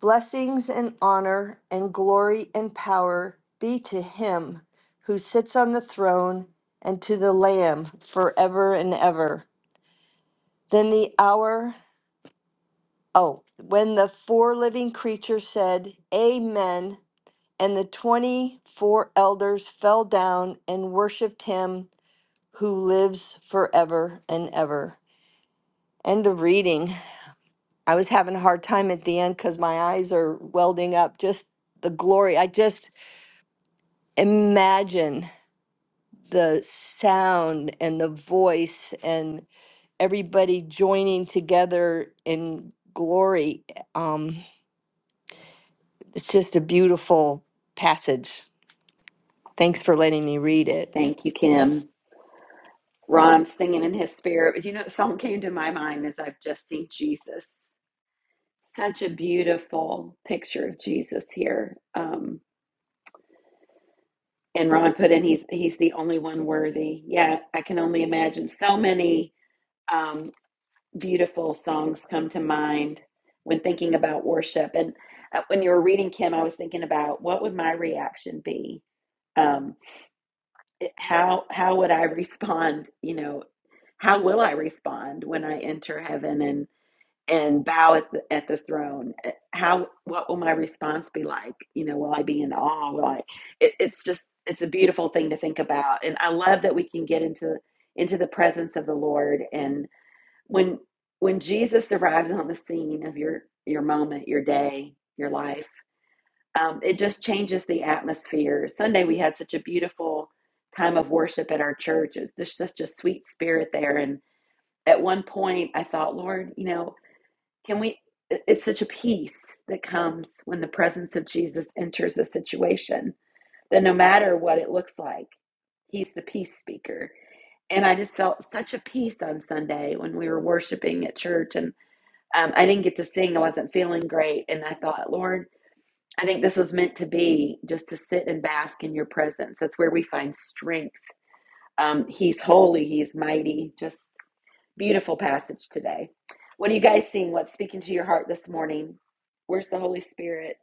Blessings and honor and glory and power be to him who sits on the throne and to the Lamb forever and ever. Then the hour, oh, when the four living creatures said, Amen, and the 24 elders fell down and worshiped him who lives forever and ever. End of reading. I was having a hard time at the end because my eyes are welding up just the glory. I just imagine the sound and the voice and everybody joining together in glory. Um, it's just a beautiful passage. Thanks for letting me read it. Thank you, Kim. Ron singing in his spirit. But you know, the song came to my mind as I've just seen Jesus. Such a beautiful picture of Jesus here. Um, And Ron put in, he's he's the only one worthy. Yeah, I can only imagine. So many um, beautiful songs come to mind when thinking about worship. And uh, when you were reading Kim, I was thinking about what would my reaction be? Um, it- how how would I respond? You know, how will I respond when I enter heaven? and bow at the, at the throne eh, how what will my response be like you know will i be in awe will i it, it's just it's a beautiful thing to think about and i love that we can get into into the presence of the lord and when when jesus arrives on the scene of your your moment your day your life um, it just changes the atmosphere sunday we had such a beautiful time of worship at our church It was just such a sweet spirit there and at one point i thought lord you know can we? It's such a peace that comes when the presence of Jesus enters a situation that no matter what it looks like, he's the peace speaker. And I just felt such a peace on Sunday when we were worshiping at church. And um, I didn't get to sing, I wasn't feeling great. And I thought, Lord, I think this was meant to be just to sit and bask in your presence. That's where we find strength. Um, he's holy, he's mighty. Just Beautiful passage today. What are you guys seeing? What's speaking to your heart this morning? Where's the Holy Spirit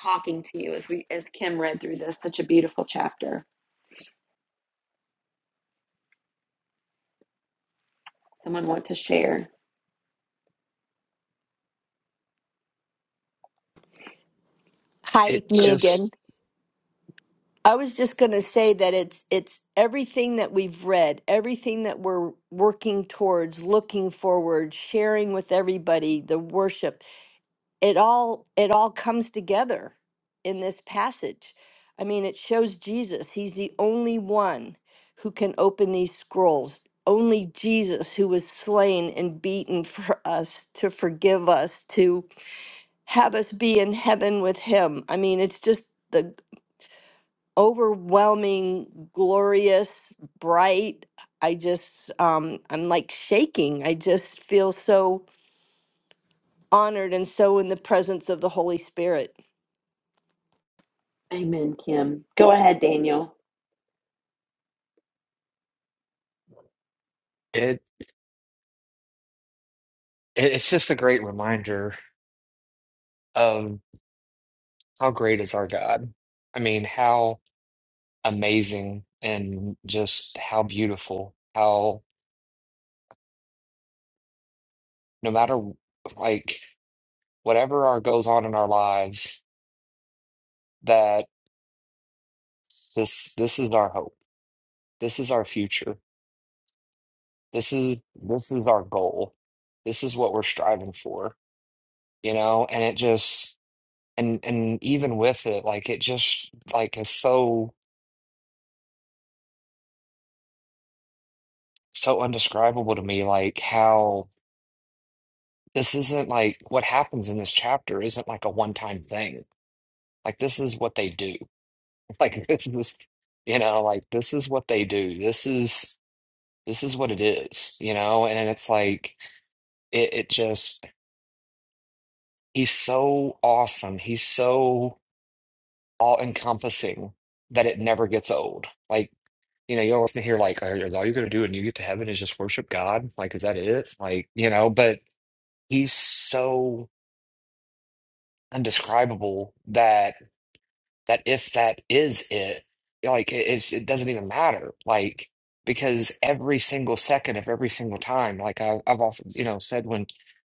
talking to you as we as Kim read through this? Such a beautiful chapter. Someone want to share? Hi, It Go- me just again. I was just going to say that it's it's everything that we've read, everything that we're working towards, looking forward, sharing with everybody, the worship. it all it all comes together in this passage i mean it shows jesus he's the only one who can open these scrolls only jesus who was slain and beaten for us to forgive us to have us be in heaven with him i mean it's just the overwhelming glorious bright i just um i'm like shaking i just feel so honored and so in the presence of the holy spirit Amen, Kim. Go ahead, Daniel. it it- it's just a great reminder of. How great is our God? I mean, how amazing and just how beautiful, how no matter like whatever our goes on in our lives, that this this is our hope. This is our future. This is this is our goal. This is what we're striving for, you know? And it just and and even with it, like it just like is so so undescribable to me, like how this isn't like what happens in this chapter isn't like a one-time thing Like this is what they do. Like this is, you know, like this is what they do. This is this is what it is, you know? And it's like it, it just he's so awesome. He's so all-encompassing that it never gets old. Like, you know, you will often hear like, "Are- is all you're gonna do when you get to heaven is just worship God? Like, is that it? Like, you know, but he's so undescribable that that if that is it, like it, it's, it doesn't even matter. Like because every single second of every single time, like I, I've often you know said when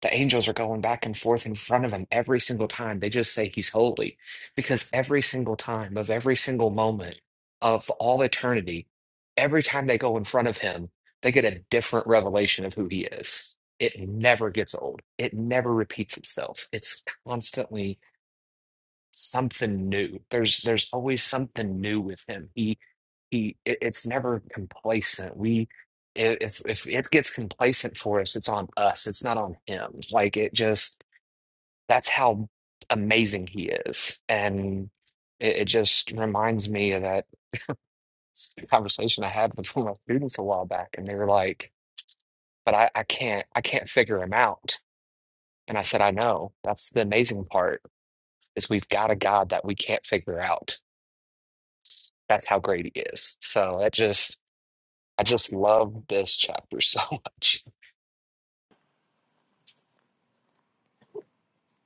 the angels are going back and forth in front of him every single time, they just say he's holy because every single time of every single moment of all eternity, every time they go in front of him, they get a different revelation of who he is. It never gets old. It never repeats itself. It's constantly something new. There's there's always something new with him. He he it, it's never complacent. We i- if if it gets complacent for us, it's on us. It's not on him. Like it just that's how amazing he is. And it, it just reminds me of that conversation I had with one of my students a while back, and they were like, "But I, I can't I can't figure him out." And I said, "I know. That's the amazing part is we've got a God that we can't figure out." That's how great he is. So I just I just love this chapter so much.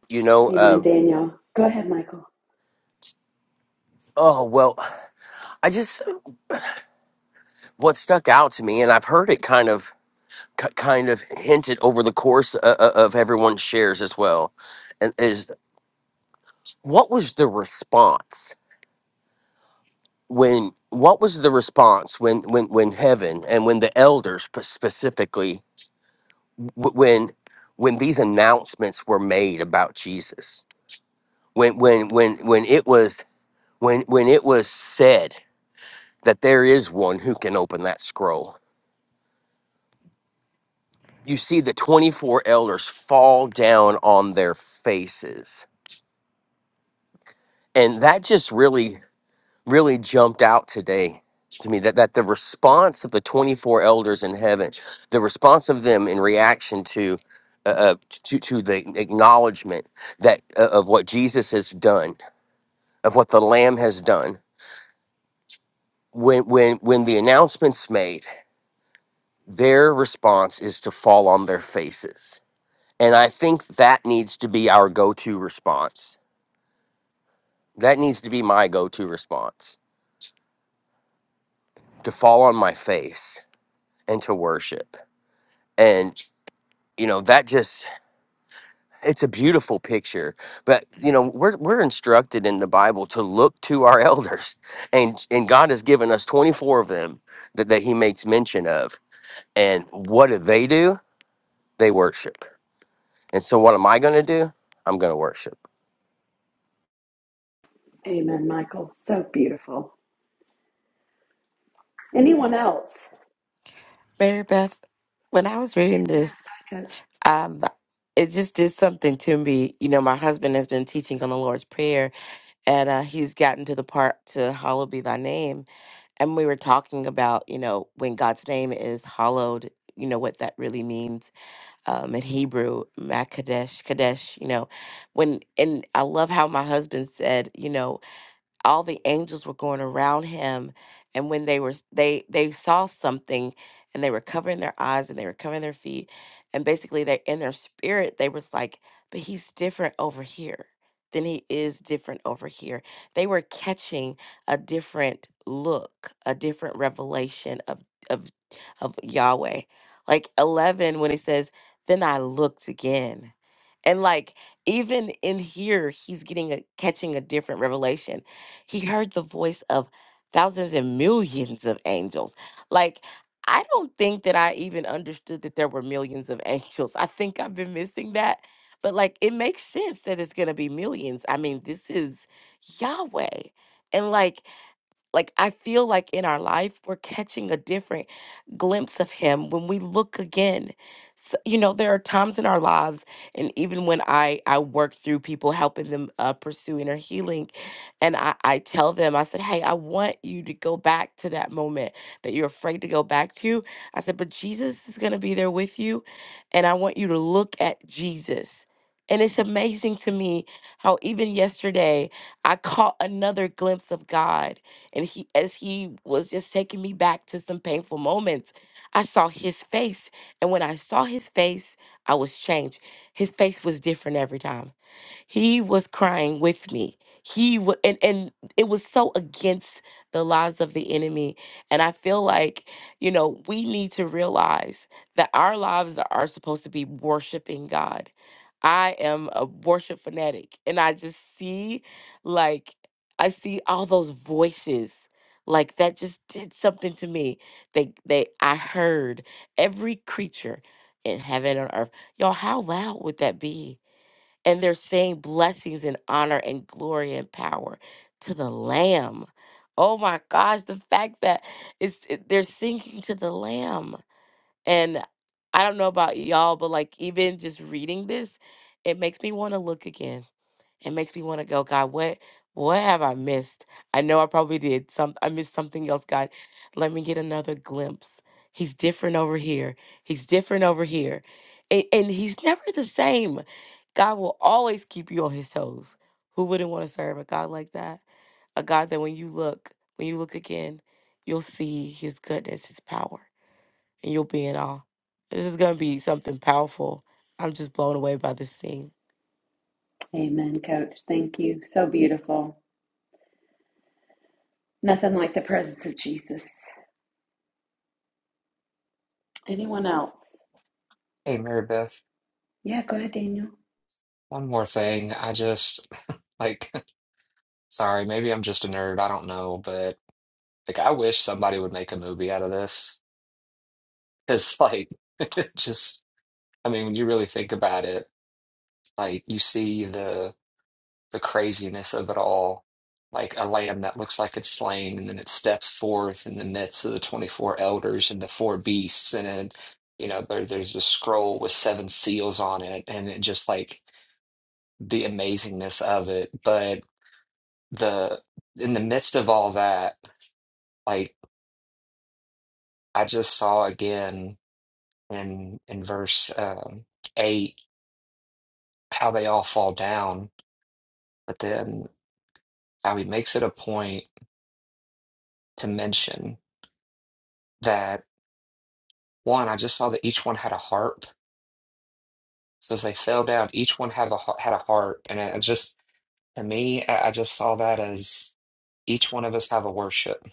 You know, Amen, um Daniel. Go ahead, Michael. oh well, I just what stuck out to me and I've heard it kind of ki- kind of hinted over the course of, of everyone's shares as well and is what was the response when what was the response when when when heaven and when the elders spe- specifically w- when when these announcements were made about Jesus when when when when it was when when it was said that there is one who can open that scroll you see the 24 elders fall down on their faces and that just really really jumped out today to me that, that the response of the 24 elders in heaven the response of them in reaction to uh, uh, to, to the acknowledgement that uh, of what jesus has done of what the lamb has done when when when the announcement's made their response is to fall on their faces and i think that needs to be our go-to response that needs to be my go-to response to fall on my face and to worship you know that just it's a beautiful picture but you know we're we're instructed in the bible to look to our elders and and god has given us 24 of them that, that he makes mention of and what do they do they worship and so what am i going to do i'm going to worship Amen, Michael. So beautiful. Anyone else? Mary Beth, when I was reading Yeah. this, Coach. um, it just did something to me. You know, my husband has been teaching on the Lord's Prayer, and uh, he's gotten to the part to "Hallowed be Thy name," and we were talking about, you know, when God's name is hallowed, you know, what that really means um, in Hebrew, Makadesh, Kadesh, you know, when, and I love how my husband said, you know, all the angels were going around him and when they were they they saw something and they were covering their eyes and they were covering their feet and basically they in their spirit they was like but he's different over here than he is different over here they were catching a different look a different revelation of of of yahweh like 11 when it says then i looked again and like even in here, he's getting a catching a different revelation. He heard the voice of thousands and millions of angels. Like I don't think that I even understood that there were millions of angels. I think I've been missing that. But like it makes sense that it's gonna be millions. I mean, this is Yahweh. And like like I feel like in our life we're catching a different glimpse of him when we look again. So, you know, there are times in our lives and even when I I work through people helping them uh, pursue inner healing and I I tell them I said, "Hey, I want you to go back to that moment that you're afraid to go back to." I said, "But Jesus is going to be there with you and I want you to look at Jesus." And it's amazing to me how even yesterday I caught another glimpse of God and he, as he was just taking me back to some painful moments, I saw his face. And when I saw his face, I was changed. His face was different every time he was crying with me. He wa and and it was so against the lies of the enemy. And I feel like, you know, we need to realize that our lives are supposed to be worshiping God. I am a worship fanatic and I just see like I see all those voices like that just did something to me. They they I heard every creature in heaven and earth. Y'all, how loud would that be? and they're saying blessings and honor and glory and power to the lamb oh my gosh the fact that it's it- they're singing to the lamb and i don't know about y'all but like even just reading this it makes me want to look again it makes me want to go, God, what what have I missed? I know I probably did some I missed something else, God. Let me get another glimpse. He's different over here. He's different over here. And, and he's never the same. God will always keep you on his toes. Who wouldn't want to serve a God like that? A God that when you look, when you look again, you'll see his goodness, his power, and you'll be in awe. This is going to be something powerful. I'm just blown away by this scene. Amen, Coach. Thank you. So beautiful. Nothing like the presence of Jesus. Anyone else? Hey, Mary Beth, Yeah, go ahead, Daniel. one more thing. I just like sorry, maybe I'm just a nerd. I don't know, but like I wish somebody would make a movie out of this. It's like it just I mean, when you really think about it, like you see the the craziness of it all, like a lamb that looks like it's slain, and then it steps forth in the midst of the 24 elders and the four beasts, and then, you know, there, there's a scroll with seven seals on it, and it just like the amazingness of it. But the in the midst of all that, like I just saw again in in verse um, eight how they all fall down, but then how he makes it a point to mention that. one, I just saw that each one had a harp. So as they fell down, each one had a har- had a harp, and it just to me, I I just saw that as each one of us have a worship,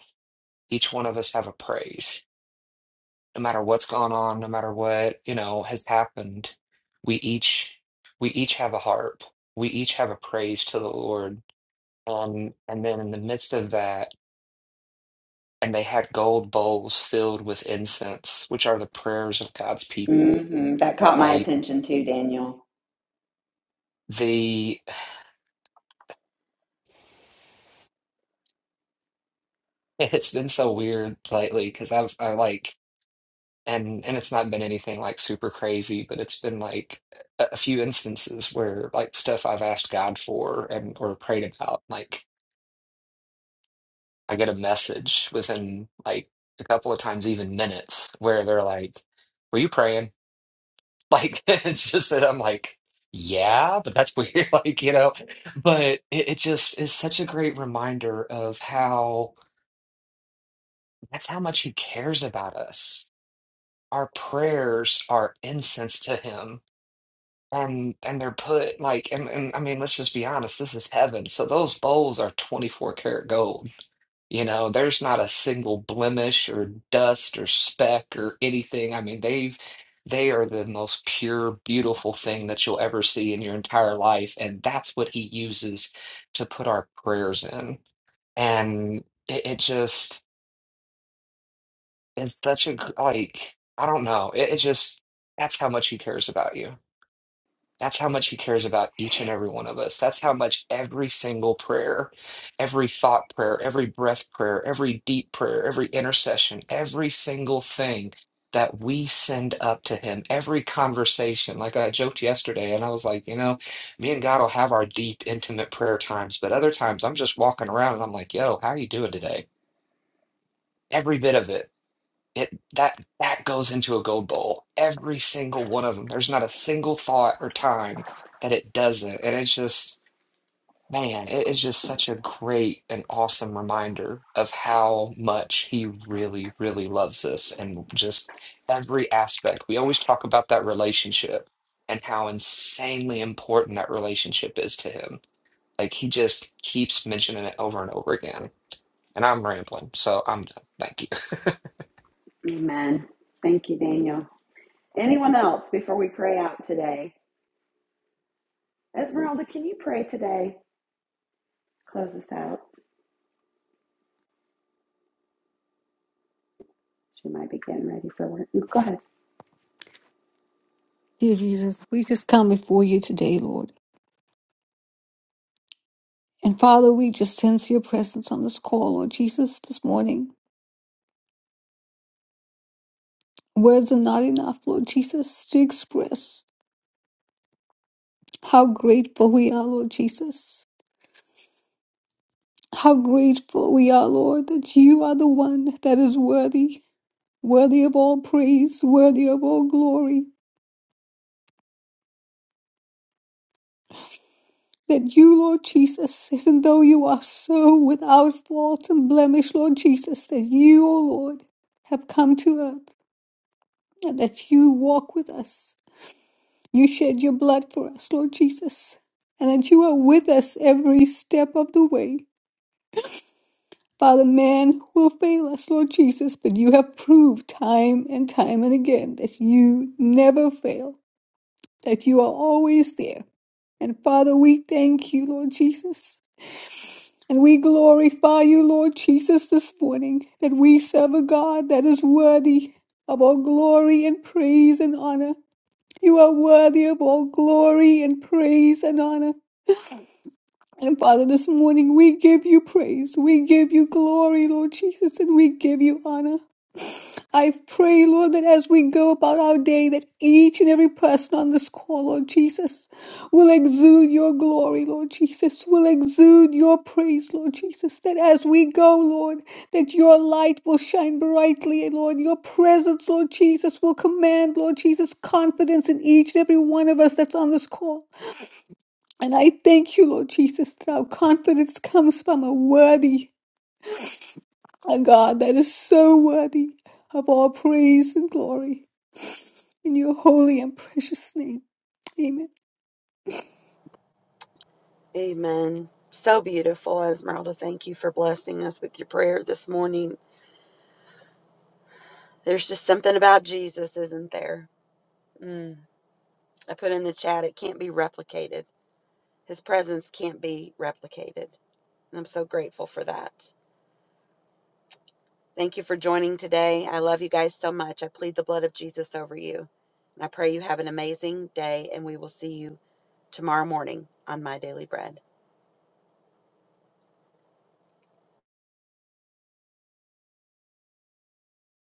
each one of us have a praise. No matter what's gone on, no matter what you know has happened, we each we each have a harp. We each have a praise to the Lord. Um, and then in the midst of that, and they had gold bowls filled with incense, which are the prayers of God's people. hmm That caught my Like attention too, Daniel. the It's been so weird lately because I've I like and and it's not been anything like super crazy, but it's been like a, a few instances where like stuff I've asked God for and or prayed about, like I get a message within like a couple of times, even minutes, where they're like, "Were you praying?" Like it's just that I'm like, "Yeah," but that's weird, like you know. But it, it just is such a great reminder of how that's how much He cares about us our prayers are incense to him and and they're put like and, and I mean let's just be honest this is heaven so those bowls are 24 karat gold you know there's not a single blemish or dust or speck or anything I mean they've they are the most pure beautiful thing that you'll ever see in your entire life and that's what he uses to put our prayers in and it, it just It's such a, g- like, I don't know. It, it just, that's how much he cares about you. That's how much he cares about each and every one of us. That's how much every single prayer, every thought prayer, every breath prayer, every deep prayer, every intercession, every single thing that we send up to him, every conversation. Like I joked yesterday, and I was like, you know, me and God will have our deep, intimate prayer times, but other times I'm just walking around and I'm like, yo, how you doing today? Every bit of it it that that goes into a gold bowl. Every single one of them. There's not a single thought or time that it doesn't. And it's just, man, it is just such a great and awesome reminder of how much he really, really loves us and just every aspect. We always talk about that relationship and how insanely important that relationship is to him. Like he just keeps mentioning it over and over again. And I'm rambling, so I'm done. Thank you. Amen. Thank you, Daniel. Anyone else before we pray out today? Esmeralda, can you pray today? Close us out. She might be getting ready for work. Go ahead. Dear Jesus, we just come before you today, Lord. And Father, we just sense your presence on this call, Lord Jesus, this morning. Words are not enough, Lord Jesus, to express how grateful we are, Lord Jesus. How grateful we are, Lord, that you are the one that is worthy, worthy of all praise, worthy of all glory. that you, Lord Jesus, even though you are so without fault and blemish, Lord Jesus, that you, O Lord, have come to earth and that you walk with us. You shed your blood for us, Lord Jesus, and that you are with us every step of the way. Father, man will fail us, Lord Jesus, but you have proved time and time and again that you never fail, that you are always there. And Father, we thank you, Lord Jesus. And we glorify you, Lord Jesus, this morning, that we serve a God that is worthy of all glory and praise and honor. You are worthy of all glory and praise and honor. And Father, this morning we give you praise, we give you glory, Lord Jesus, and we give you honor. I pray, Lord, that as we go about our day, that each and every person on this call, Lord Jesus, will exude your glory, Lord Jesus, will exude your praise, Lord Jesus, that as we go, Lord, that your light will shine brightly, Lord, your presence, Lord Jesus, will command, Lord Jesus, confidence in each and every one of us that's on this call. And I thank you, Lord Jesus, that our confidence comes from a worthy, a God that is so worthy of all praise and glory. In your holy and precious name. Amen. Amen. So beautiful, Esmeralda. Thank you for blessing us with your prayer this morning. There's just something about Jesus, isn't there? Mm. I put in the chat, it can't be replicated. His presence can't be replicated. And I'm so grateful for that. Thank you for joining today. I love you guys so much. I plead the blood of Jesus over you. And I pray you have an amazing day, and we will see you tomorrow morning on My Daily Bread.